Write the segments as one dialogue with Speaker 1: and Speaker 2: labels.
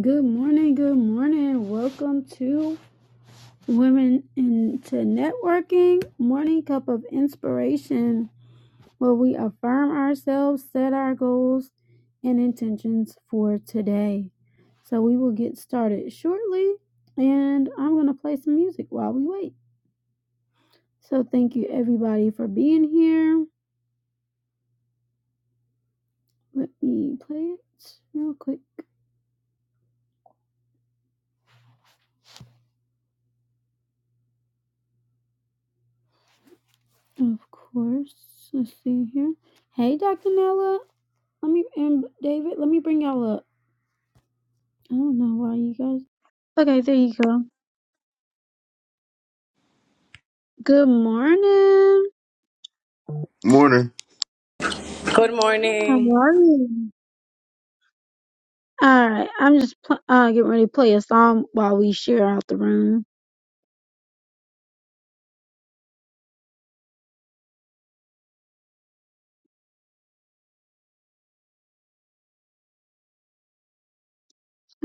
Speaker 1: Good morning, good morning. Welcome to Women into Networking Morning Cup of Inspiration, where we affirm ourselves, set our goals and intentions for today. So we will get started shortly, and I'm going to play some music while we wait. So thank you everybody for being here. Let me play it real quick. Of course, let's see here. Hey, Dr. Nella. Let me and David. Let me bring y'all up. I don't know why you guys. Okay, there you go. Good morning.
Speaker 2: Morning.
Speaker 3: Good
Speaker 1: How
Speaker 3: morning.
Speaker 1: are you? All right, I'm just pl- uh, getting ready to play a song while we share out the room.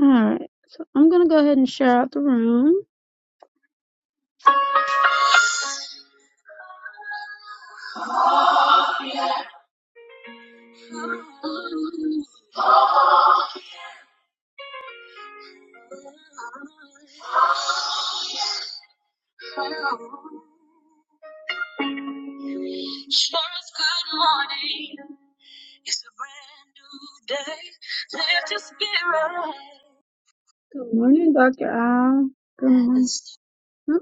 Speaker 1: All right, so I'm gonna go ahead and share out the room. Good morning, Dr. Al. Good morning. Oh,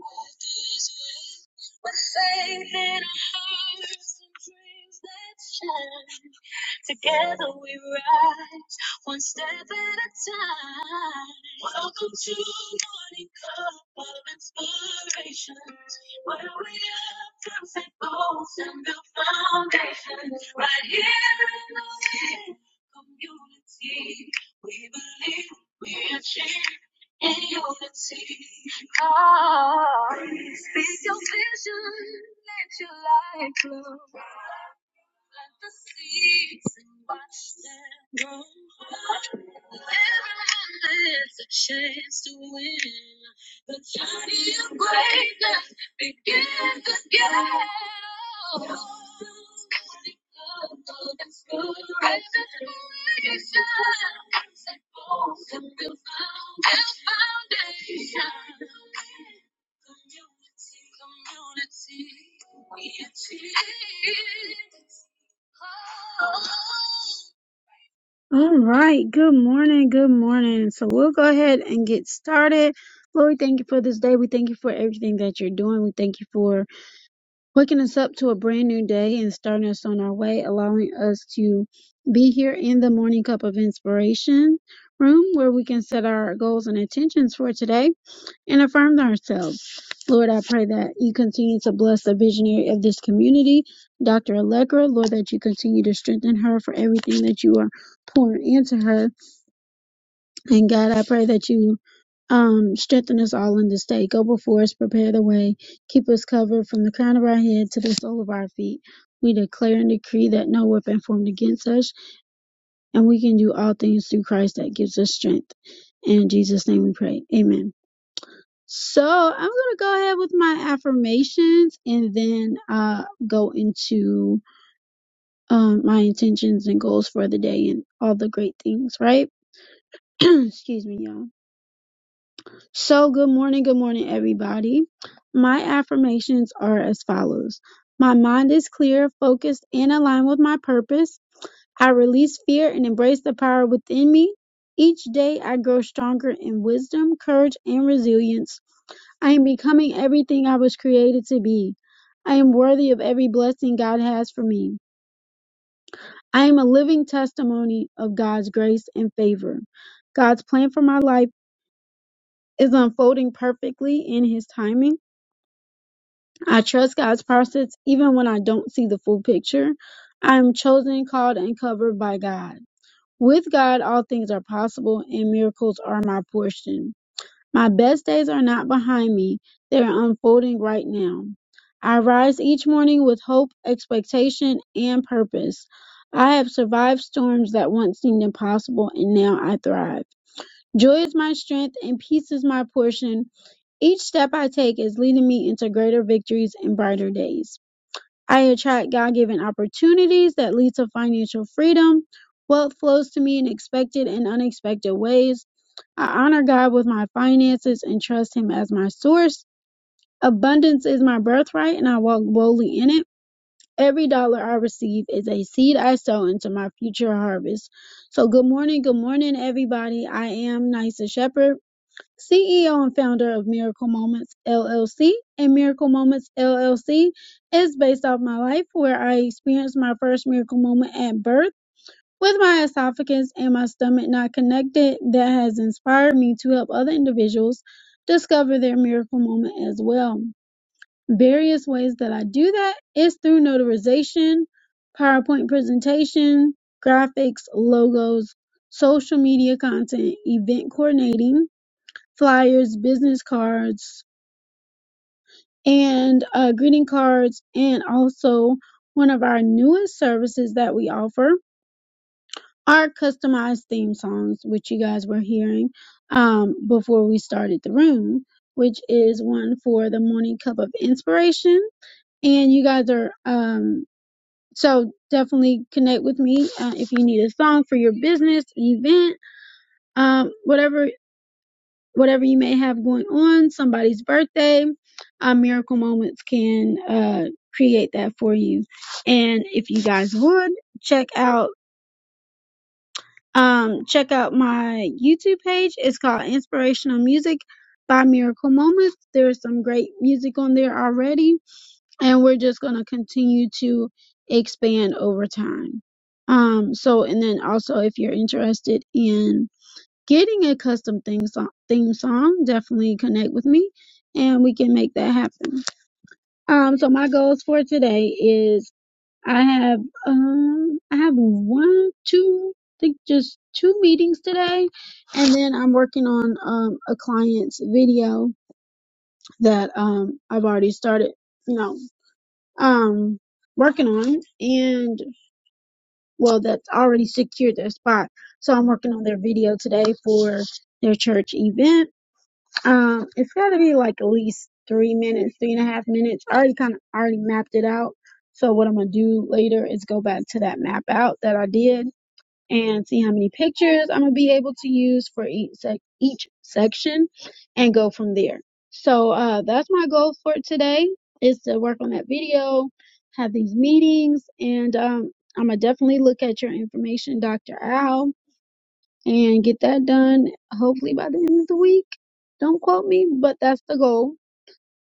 Speaker 1: All right, good morning, good morning. So we'll go ahead and get started. Lord, we thank you for this day. We thank you for everything that you're doing. We thank you for waking us up to a brand new day and starting us on our way, allowing us to be here in the Morning Cup of Inspiration room where we can set our goals and intentions for today and affirm ourselves. Lord, I pray that you continue to bless the visionary of this community, Dr. Allegra. Lord, that you continue to strengthen her for everything that you are pouring into her. And God, I pray that you um, strengthen us all in this day. Go before us, prepare the way. Keep us covered from the crown of our head to the sole of our feet. We declare and decree that no weapon formed against us, and we can do all things through Christ that gives us strength. In Jesus' name we pray. Amen. So I'm gonna go ahead with my affirmations and then uh go into um my intentions and goals for the day and all the great things, right? Excuse me, y'all. So, good morning, good morning, everybody. My affirmations are as follows My mind is clear, focused, and aligned with my purpose. I release fear and embrace the power within me. Each day, I grow stronger in wisdom, courage, and resilience. I am becoming everything I was created to be. I am worthy of every blessing God has for me. I am a living testimony of God's grace and favor. God's plan for my life is unfolding perfectly in His timing. I trust God's process even when I don't see the full picture. I am chosen, called, and covered by God. With God, all things are possible and miracles are my portion. My best days are not behind me, they are unfolding right now. I rise each morning with hope, expectation, and purpose. I have survived storms that once seemed impossible and now I thrive. Joy is my strength and peace is my portion. Each step I take is leading me into greater victories and brighter days. I attract God given opportunities that lead to financial freedom. Wealth flows to me in expected and unexpected ways. I honor God with my finances and trust Him as my source. Abundance is my birthright, and I walk boldly in it. Every dollar I receive is a seed I sow into my future harvest. So, good morning, good morning, everybody. I am Nisa Shepherd CEO and founder of Miracle Moments LLC, and Miracle Moments LLC is based off my life where I experienced my first miracle moment at birth with my esophagus and my stomach not connected that has inspired me to help other individuals discover their miracle moment as well. Various ways that I do that is through notarization, PowerPoint presentation, graphics, logos, social media content, event coordinating, flyers, business cards, and uh, greeting cards, and also one of our newest services that we offer are customized theme songs, which you guys were hearing um, before we started the room, which is one for the morning cup of inspiration. And you guys are um, so definitely connect with me uh, if you need a song for your business event, um, whatever whatever you may have going on, somebody's birthday, uh, Miracle Moments can uh, create that for you. And if you guys would check out um, check out my YouTube page. It's called Inspirational Music by Miracle Moments. There's some great music on there already, and we're just gonna continue to expand over time. Um, so and then also if you're interested in getting a custom theme song, theme song definitely connect with me and we can make that happen um so my goals for today is i have um i have one two I think just two meetings today and then i'm working on um a client's video that um i've already started you know um working on and well that's already secured their spot so i'm working on their video today for their church event Um, it's got to be like at least three minutes, three and a half minutes. I already kind of already mapped it out. So what I'm gonna do later is go back to that map out that I did and see how many pictures I'm gonna be able to use for each sec- each section, and go from there. So uh, that's my goal for today is to work on that video, have these meetings, and um, I'm gonna definitely look at your information, Dr. Al and get that done hopefully by the end of the week. Don't quote me, but that's the goal.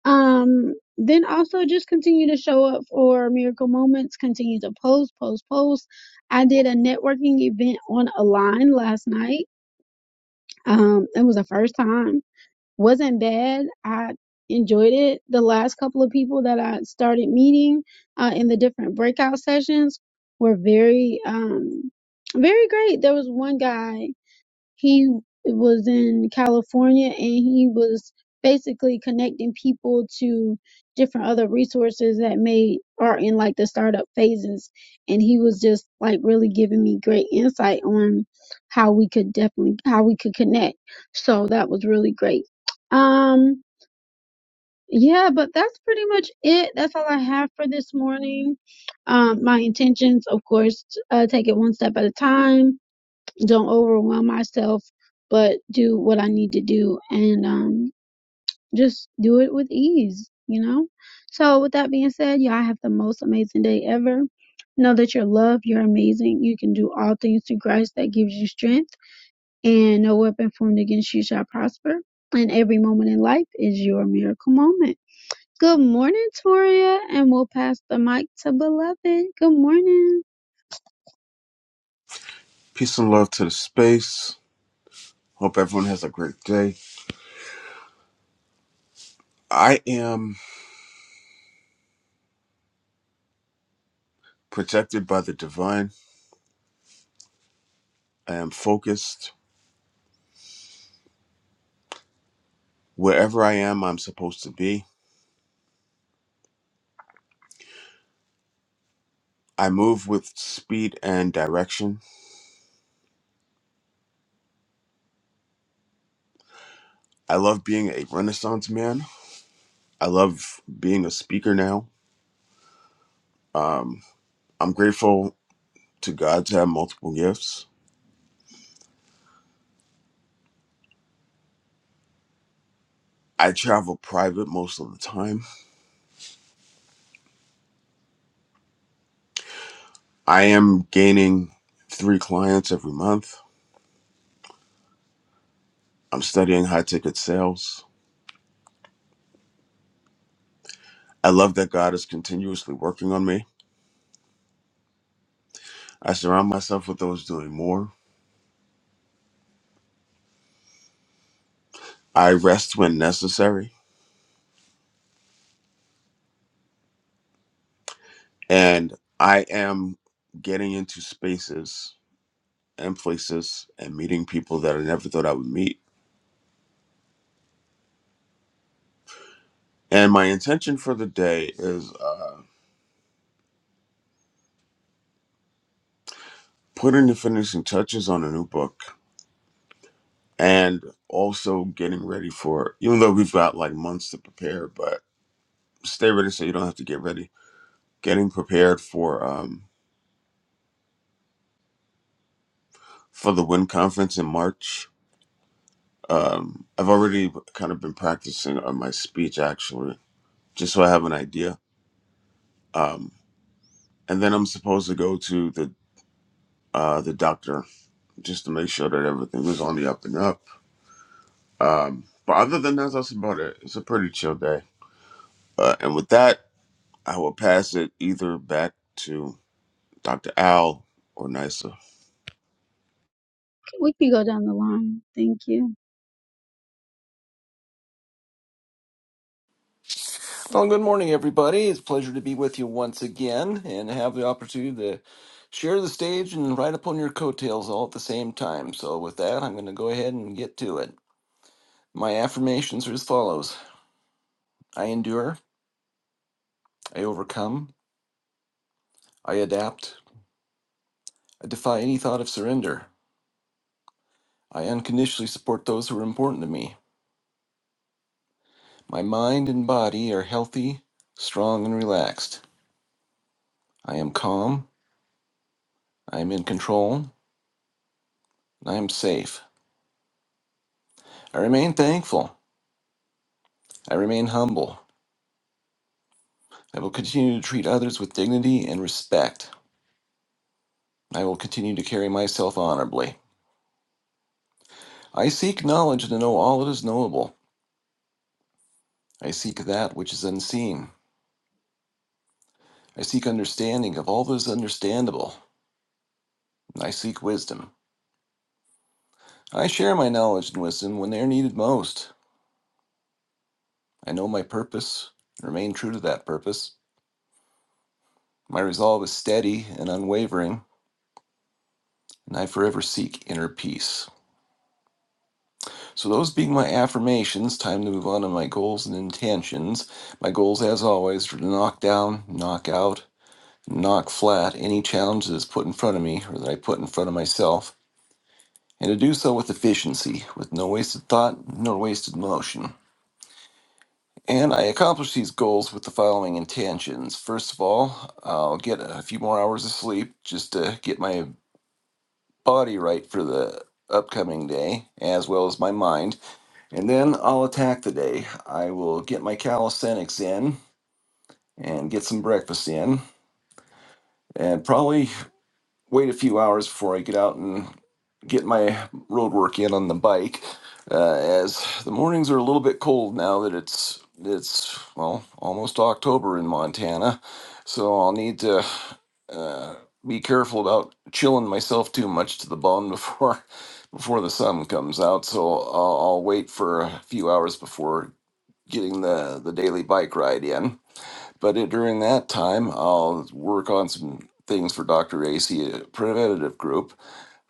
Speaker 1: Um, then also just continue to show up for miracle moments, continue to post, post, post. I did a networking event on a line last night. Um, it was the first time. Wasn't bad. I enjoyed it. The last couple of people that I started meeting uh, in the different breakout sessions were very um very great. There was one guy he was in California and he was basically connecting people to different other resources that may are in like the startup phases and he was just like really giving me great insight on how we could definitely how we could connect so that was really great um yeah but that's pretty much it that's all i have for this morning um my intentions of course uh, take it one step at a time don't overwhelm myself, but do what I need to do and um, just do it with ease, you know? So, with that being said, y'all have the most amazing day ever. Know that you're loved, you're amazing, you can do all things through Christ that gives you strength, and no weapon formed against you shall prosper. And every moment in life is your miracle moment. Good morning, Toria, and we'll pass the mic to Beloved. Good morning.
Speaker 2: Peace and love to the space. Hope everyone has a great day. I am protected by the divine. I am focused. Wherever I am, I'm supposed to be. I move with speed and direction. I love being a renaissance man. I love being a speaker now. Um, I'm grateful to God to have multiple gifts. I travel private most of the time. I am gaining three clients every month. I'm studying high ticket sales. I love that God is continuously working on me. I surround myself with those doing more. I rest when necessary. And I am getting into spaces and places and meeting people that I never thought I would meet. And my intention for the day is uh, putting the finishing touches on a new book and also getting ready for, even though we've got like months to prepare, but stay ready so you don't have to get ready. Getting prepared for um, for the Win Conference in March Um, I've already kind of been practicing on my speech actually, just so I have an idea. Um, and then I'm supposed to go to the uh, the doctor just to make sure that everything was on the up and up. Um, but other than that, that's about it. It's a pretty chill day. Uh, and with that, I will pass it either back to Dr. Al or Nysa.
Speaker 1: We can go down the line. Thank you.
Speaker 4: Well, good morning, everybody. It's a pleasure to be with you once again and have the opportunity to share the stage and ride upon your coattails all at the same time. So, with that, I'm going to go ahead and get to it. My affirmations are as follows I endure, I overcome, I adapt, I defy any thought of surrender, I unconditionally support those who are important to me. My mind and body are healthy, strong, and relaxed. I am calm, I am in control, and I am safe. I remain thankful, I remain humble. I will continue to treat others with dignity and respect. I will continue to carry myself honorably. I seek knowledge to know all that is knowable. I seek that which is unseen. I seek understanding of all that is understandable. I seek wisdom. I share my knowledge and wisdom when they are needed most. I know my purpose and remain true to that purpose. My resolve is steady and unwavering, and I forever seek inner peace. So, those being my affirmations, time to move on to my goals and intentions. My goals, as always, are to knock down, knock out, knock flat any challenge that is put in front of me or that I put in front of myself, and to do so with efficiency, with no wasted thought, no wasted motion. And I accomplish these goals with the following intentions. First of all, I'll get a few more hours of sleep just to get my body right for the upcoming day, as well as my mind. And then I'll attack the day. I will get my calisthenics in and get some breakfast in and probably wait a few hours before I get out and get my road work in on the bike uh, as the mornings are a little bit cold now that it's it's well almost October in Montana so I'll need to uh, be careful about chilling myself too much to the bone before before the sun comes out so I'll, I'll wait for a few hours before getting the the daily bike ride in. But it, during that time, I'll work on some things for Dr. AC uh, preventative group.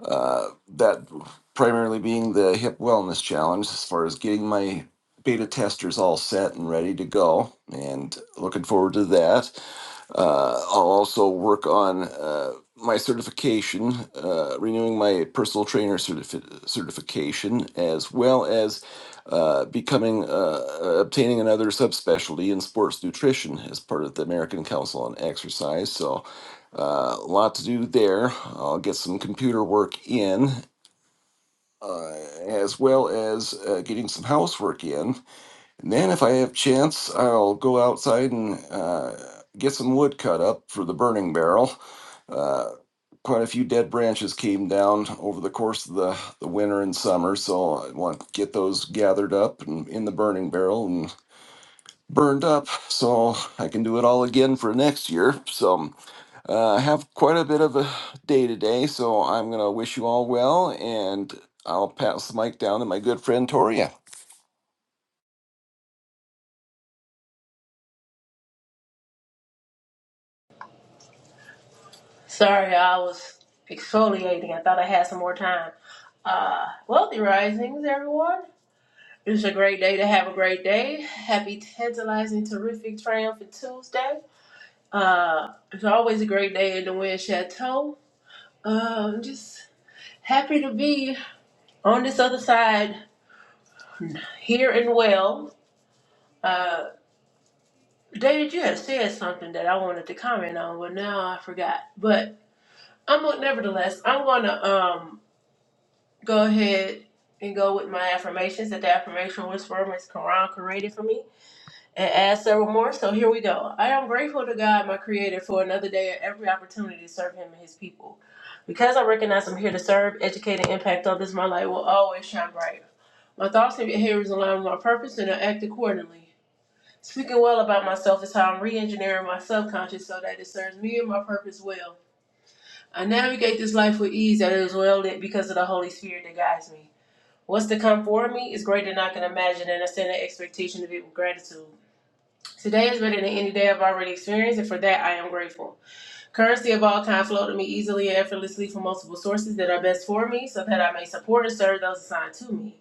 Speaker 4: Uh, that primarily being the hip wellness challenge, as far as getting my beta testers all set and ready to go, and looking forward to that. Uh, I'll also work on uh, my certification, uh, renewing my personal trainer certifi- certification, as well as uh, becoming uh, obtaining another subspecialty in sports nutrition as part of the American Council on Exercise. So, uh, a lot to do there. I'll get some computer work in, uh, as well as uh, getting some housework in and then if I have chance, I'll go outside and uh, get some wood cut up for the burning barrel. Uh, quite a few dead branches came down over the course of the, the winter and summer, so I want to get those gathered up and in the burning barrel and burned up so I can do it all again for next year. So uh, I have quite a bit of a day today, so I'm going to wish you all well and I'll pass the mic down to my good friend Toria.
Speaker 5: Sorry, I was exfoliating. I thought I had some more time. Uh, wealthy risings, everyone. It's a great day to have a great day. Happy, tantalizing, terrific, triumphant Tuesday. Uh, it's always a great day in the Wind Chateau. Uh, I'm just happy to be on this other side here and well. Uh, David, you had said something that I wanted to comment on, but now I forgot. But I'm nevertheless, I'm gonna um go ahead and go with my affirmations that the affirmation whisperer from is Quran created for me and add several more. So here we go. I am grateful to God, my creator, for another day and every opportunity to serve him and his people. Because I recognize I'm here to serve, educate, and impact others, my light will always shine bright. My thoughts and behaviors align with my purpose and I act accordingly. Speaking well about myself is how I'm re engineering my subconscious so that it serves me and my purpose well. I navigate this life with ease that is well lit because of the Holy Spirit that guides me. What's to come for me is greater than I can imagine, and I stand in expectation of it with gratitude. Today is better than any day I've already experienced, and for that I am grateful. Currency of all kinds flow to me easily and effortlessly from multiple sources that are best for me, so that I may support and serve those assigned to me.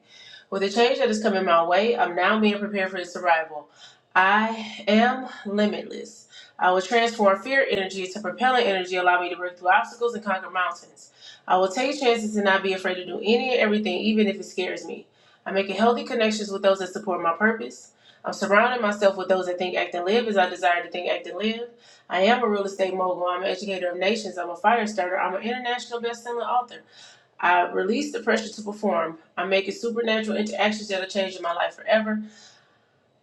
Speaker 5: With the change that is coming my way, I'm now being prepared for its arrival. I am limitless. I will transform fear energy to propellant energy, allow me to break through obstacles and conquer mountains. I will take chances and not be afraid to do any and everything, even if it scares me. I'm making healthy connections with those that support my purpose. I'm surrounding myself with those that think, act, and live as I desire to think, act, and live. I am a real estate mogul. I'm an educator of nations. I'm a fire starter. I'm an international best-selling author. I release the pressure to perform. I'm making supernatural interactions that are changing my life forever.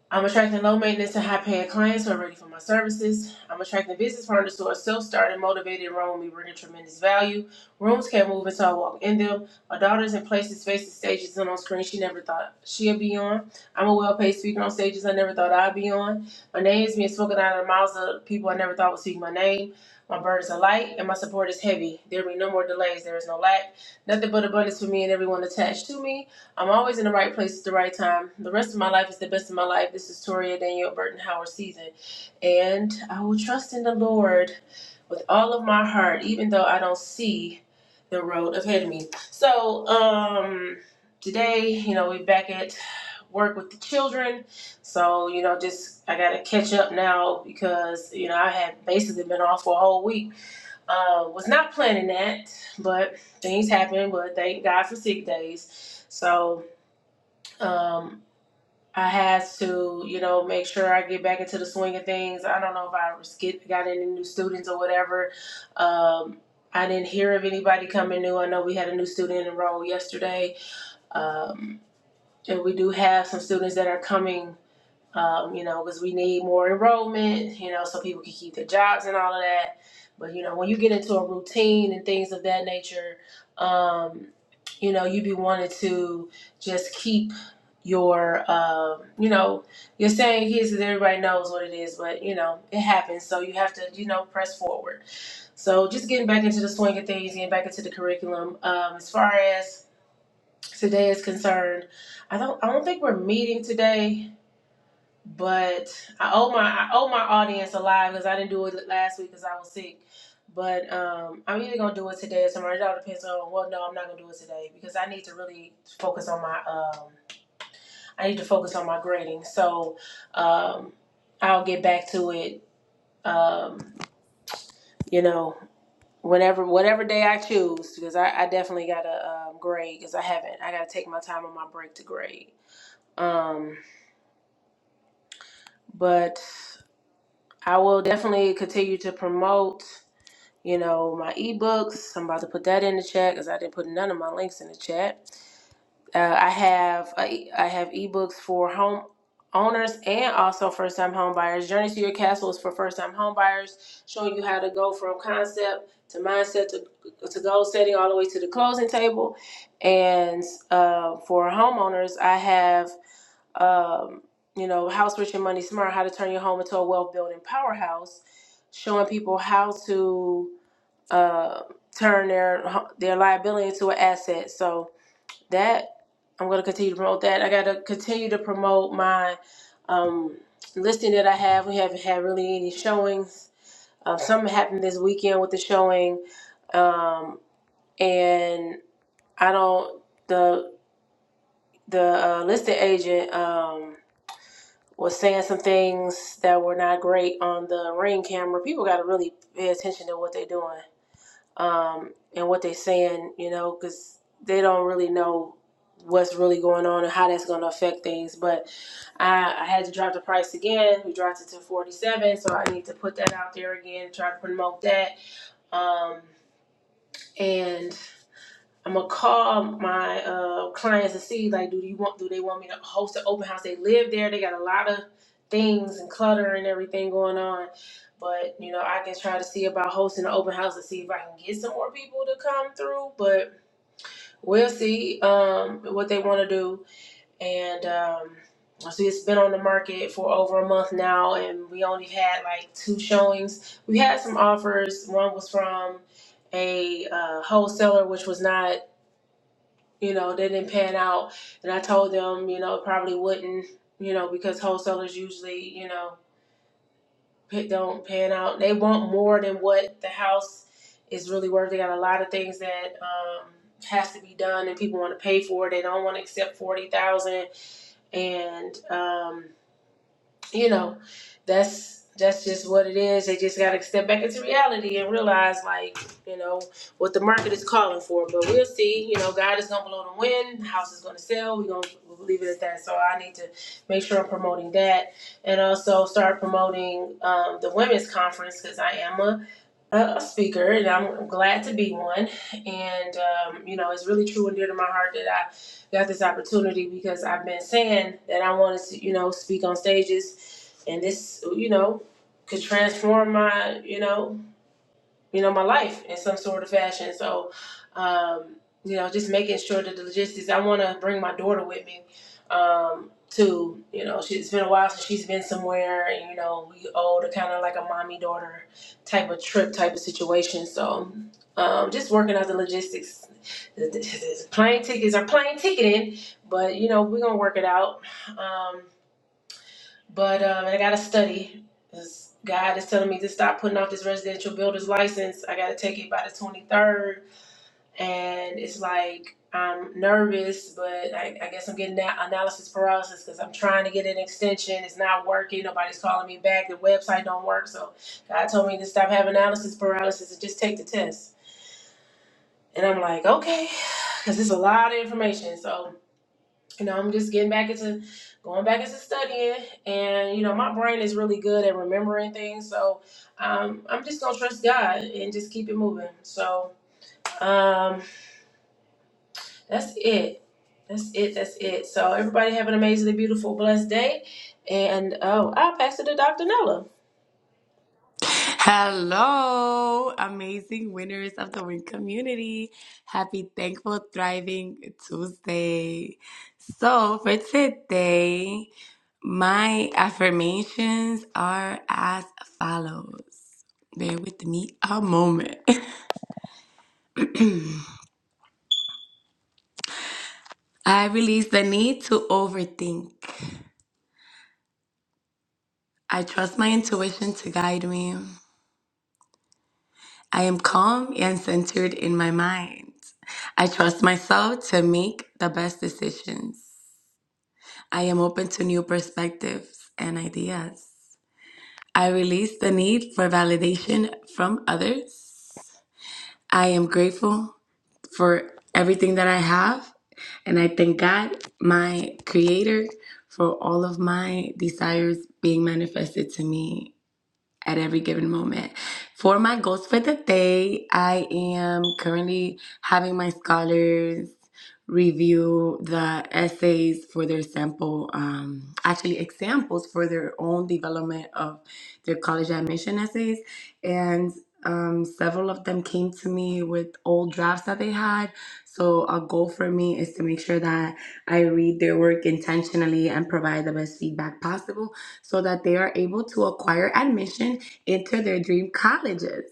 Speaker 5: I'm attracting low maintenance and high paying clients who are ready for my services. I'm attracting business partners who are self starting, motivated, and run with me, bringing tremendous value. Rooms can't move until I walk in them. My daughter's in places, spaces, stages, and on screen she never thought she'd be on. I'm a well paid speaker on stages I never thought I'd be on. My name is being spoken out of the mouths of people I never thought would speak my name. My burdens are light and my support is heavy. There will be no more delays. There is no lack. Nothing but abundance for me and everyone attached to me. I'm always in the right place at the right time. The rest of my life is the best of my life. This is Toria Danielle Burton Howard season. And I will trust in the Lord with all of my heart, even though I don't see the road ahead of me. So, um, today, you know, we're back at work with the children. So, you know, just I got to catch up now because, you know, I had basically been off for a whole week. Uh, was not planning that, but things happen. But thank God for sick days. So, um, I had to, you know, make sure I get back into the swing of things. I don't know if I was get, got any new students or whatever. Um, I didn't hear of anybody coming new. I know we had a new student enroll yesterday. Um, and we do have some students that are coming um, you know, because we need more enrollment, you know, so people can keep their jobs and all of that. But you know, when you get into a routine and things of that nature, um, you know, you be wanting to just keep your, um, you know, you're saying here because everybody knows what it is, but you know, it happens. So you have to, you know, press forward. So just getting back into the swing of things, getting back into the curriculum. Um, as far as today is concerned, I don't, I don't think we're meeting today but I owe my I owe my audience a live because I didn't do it last week because I was sick. But um, I'm either gonna do it today or tomorrow. It all depends on. Well, no, I'm not gonna do it today because I need to really focus on my um. I need to focus on my grading. So, um, I'll get back to it. Um, you know, whenever whatever day I choose because I, I definitely gotta um, grade because I haven't. I gotta take my time on my break to grade. Um, but I will definitely continue to promote you know, my ebooks. I'm about to put that in the chat because I didn't put none of my links in the chat. Uh, I have I, I have ebooks for home owners and also first time home buyers. Journey to Your Castle is for first time home buyers, showing you how to go from concept to mindset to, to goal setting all the way to the closing table. And uh, for homeowners, I have. Um, you know, House Rich and Money Smart, how to turn your home into a wealth building powerhouse, showing people how to uh, turn their their liability into an asset. So that I'm going to continue to promote that. I got to continue to promote my um, listing that I have. We haven't had really any showings. Uh, something happened this weekend with the showing, um, and I don't the the uh, listing agent. Um, was saying some things that were not great on the ring camera. People got to really pay attention to what they're doing um, and what they're saying, you know, because they don't really know what's really going on and how that's going to affect things. But I, I had to drop the price again. We dropped it to 47, so I need to put that out there again, try to promote that. Um, and I'm gonna call my uh, clients to see like, do you want? Do they want me to host an open house? They live there. They got a lot of things and clutter and everything going on. But you know, I can try to see about hosting an open house to see if I can get some more people to come through. But we'll see um, what they want to do. And um, I it's been on the market for over a month now, and we only had like two showings. We had some offers. One was from a uh, wholesaler, which was not you know, they didn't pan out. And I told them, you know, it probably wouldn't, you know, because wholesalers usually, you know, don't pan out. They want more than what the house is really worth. They got a lot of things that um, has to be done, and people want to pay for it. They don't want to accept forty thousand, and um, you know, that's that's just what it is. They just gotta step back into reality and realize like, you know, what the market is calling for. But we'll see, you know, God is gonna blow the wind, The house is gonna sell, we're gonna leave it at that. So I need to make sure I'm promoting that and also start promoting um, the women's conference because I am a, a speaker and I'm glad to be one. And um, you know, it's really true and dear to my heart that I got this opportunity because I've been saying that I wanted to, you know, speak on stages and this you know could transform my you know you know my life in some sort of fashion so um you know just making sure that the logistics i want to bring my daughter with me um to you know she, it's been a while since she's been somewhere and you know we owe to kind of like a mommy daughter type of trip type of situation so um just working out the logistics plane tickets are plane ticketing but you know we're gonna work it out um but um, I got to study. 'cause God is telling me to stop putting off this residential builder's license. I got to take it by the 23rd. And it's like, I'm nervous, but I, I guess I'm getting that analysis paralysis because I'm trying to get an extension. It's not working. Nobody's calling me back. The website don't work. So God told me to stop having analysis paralysis and just take the test. And I'm like, okay, because it's a lot of information. So you know, I'm just getting back into going back into studying, and you know, my brain is really good at remembering things, so um, I'm just gonna trust God and just keep it moving. So um, that's it. That's it. That's it. So everybody have an amazingly beautiful, blessed day, and oh, I'll pass it to Dr. Nella.
Speaker 3: Hello, amazing winners of the win community. Happy Thankful Thriving Tuesday. So, for today, my affirmations are as follows. Bear with me a moment. I release the need to overthink. I trust my intuition to guide me. I am calm and centered in my mind. I trust myself to make the best decisions. I am open to new perspectives and ideas. I release the need for validation from others. I am grateful for everything that I have, and I thank God, my creator, for all of my desires being manifested to me at every given moment. For my goals for the day, I am currently having my scholars review the essays for their sample, um, actually examples for their own development of their college admission essays. And um, several of them came to me with old drafts that they had. So a goal for me is to make sure that I read their work intentionally and provide the best feedback possible so that they are able to acquire admission into their dream colleges.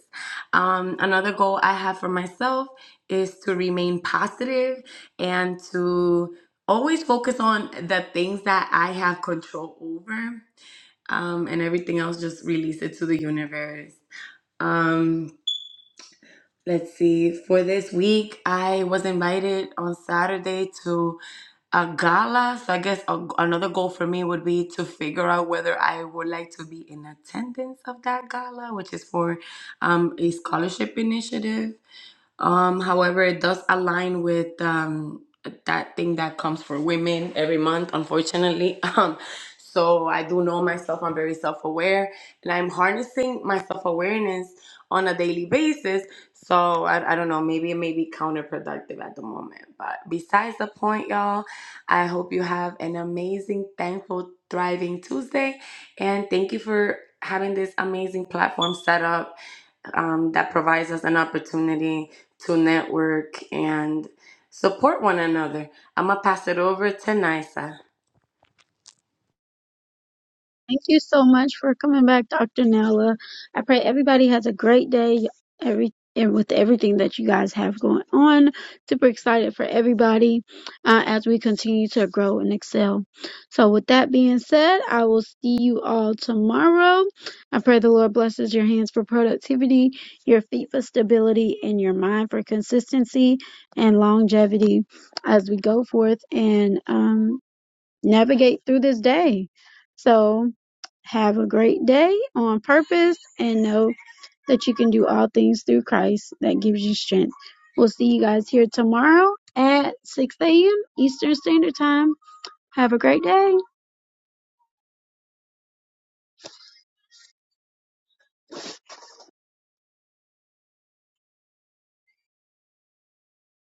Speaker 3: Um, another goal I have for myself is to remain positive and to always focus on the things that I have control over, um, and everything else just release it to the universe. Um, let's see, for this week, I was invited on Saturday to a gala. So I guess a, another goal for me would be to figure out whether I would like to be in attendance of that gala, which is for um, a scholarship initiative. Um, however, it does align with um, that thing that comes for women every month, unfortunately. Um, so I do know myself, I'm very self aware, and I'm harnessing my self awareness on a daily basis. So I, I don't know, maybe it may be counterproductive at the moment. But besides the point, y'all, I hope you have an amazing, thankful, thriving Tuesday. And thank you for having this amazing platform set up um, that provides us an opportunity to network and support one another. I'm going to pass it over to Nisa.
Speaker 1: Thank you so much for coming back, Dr. Nella. I pray everybody has a great day. Every and with everything that you guys have going on, super excited for everybody uh, as we continue to grow and excel. So, with that being said, I will see you all tomorrow. I pray the Lord blesses your hands for productivity, your feet for stability, and your mind for consistency and longevity as we go forth and um, navigate through this day. So, have a great day on purpose and know that you can do all things through Christ that gives you strength. We'll see you guys here tomorrow at 6 a.m. Eastern Standard Time. Have a great day.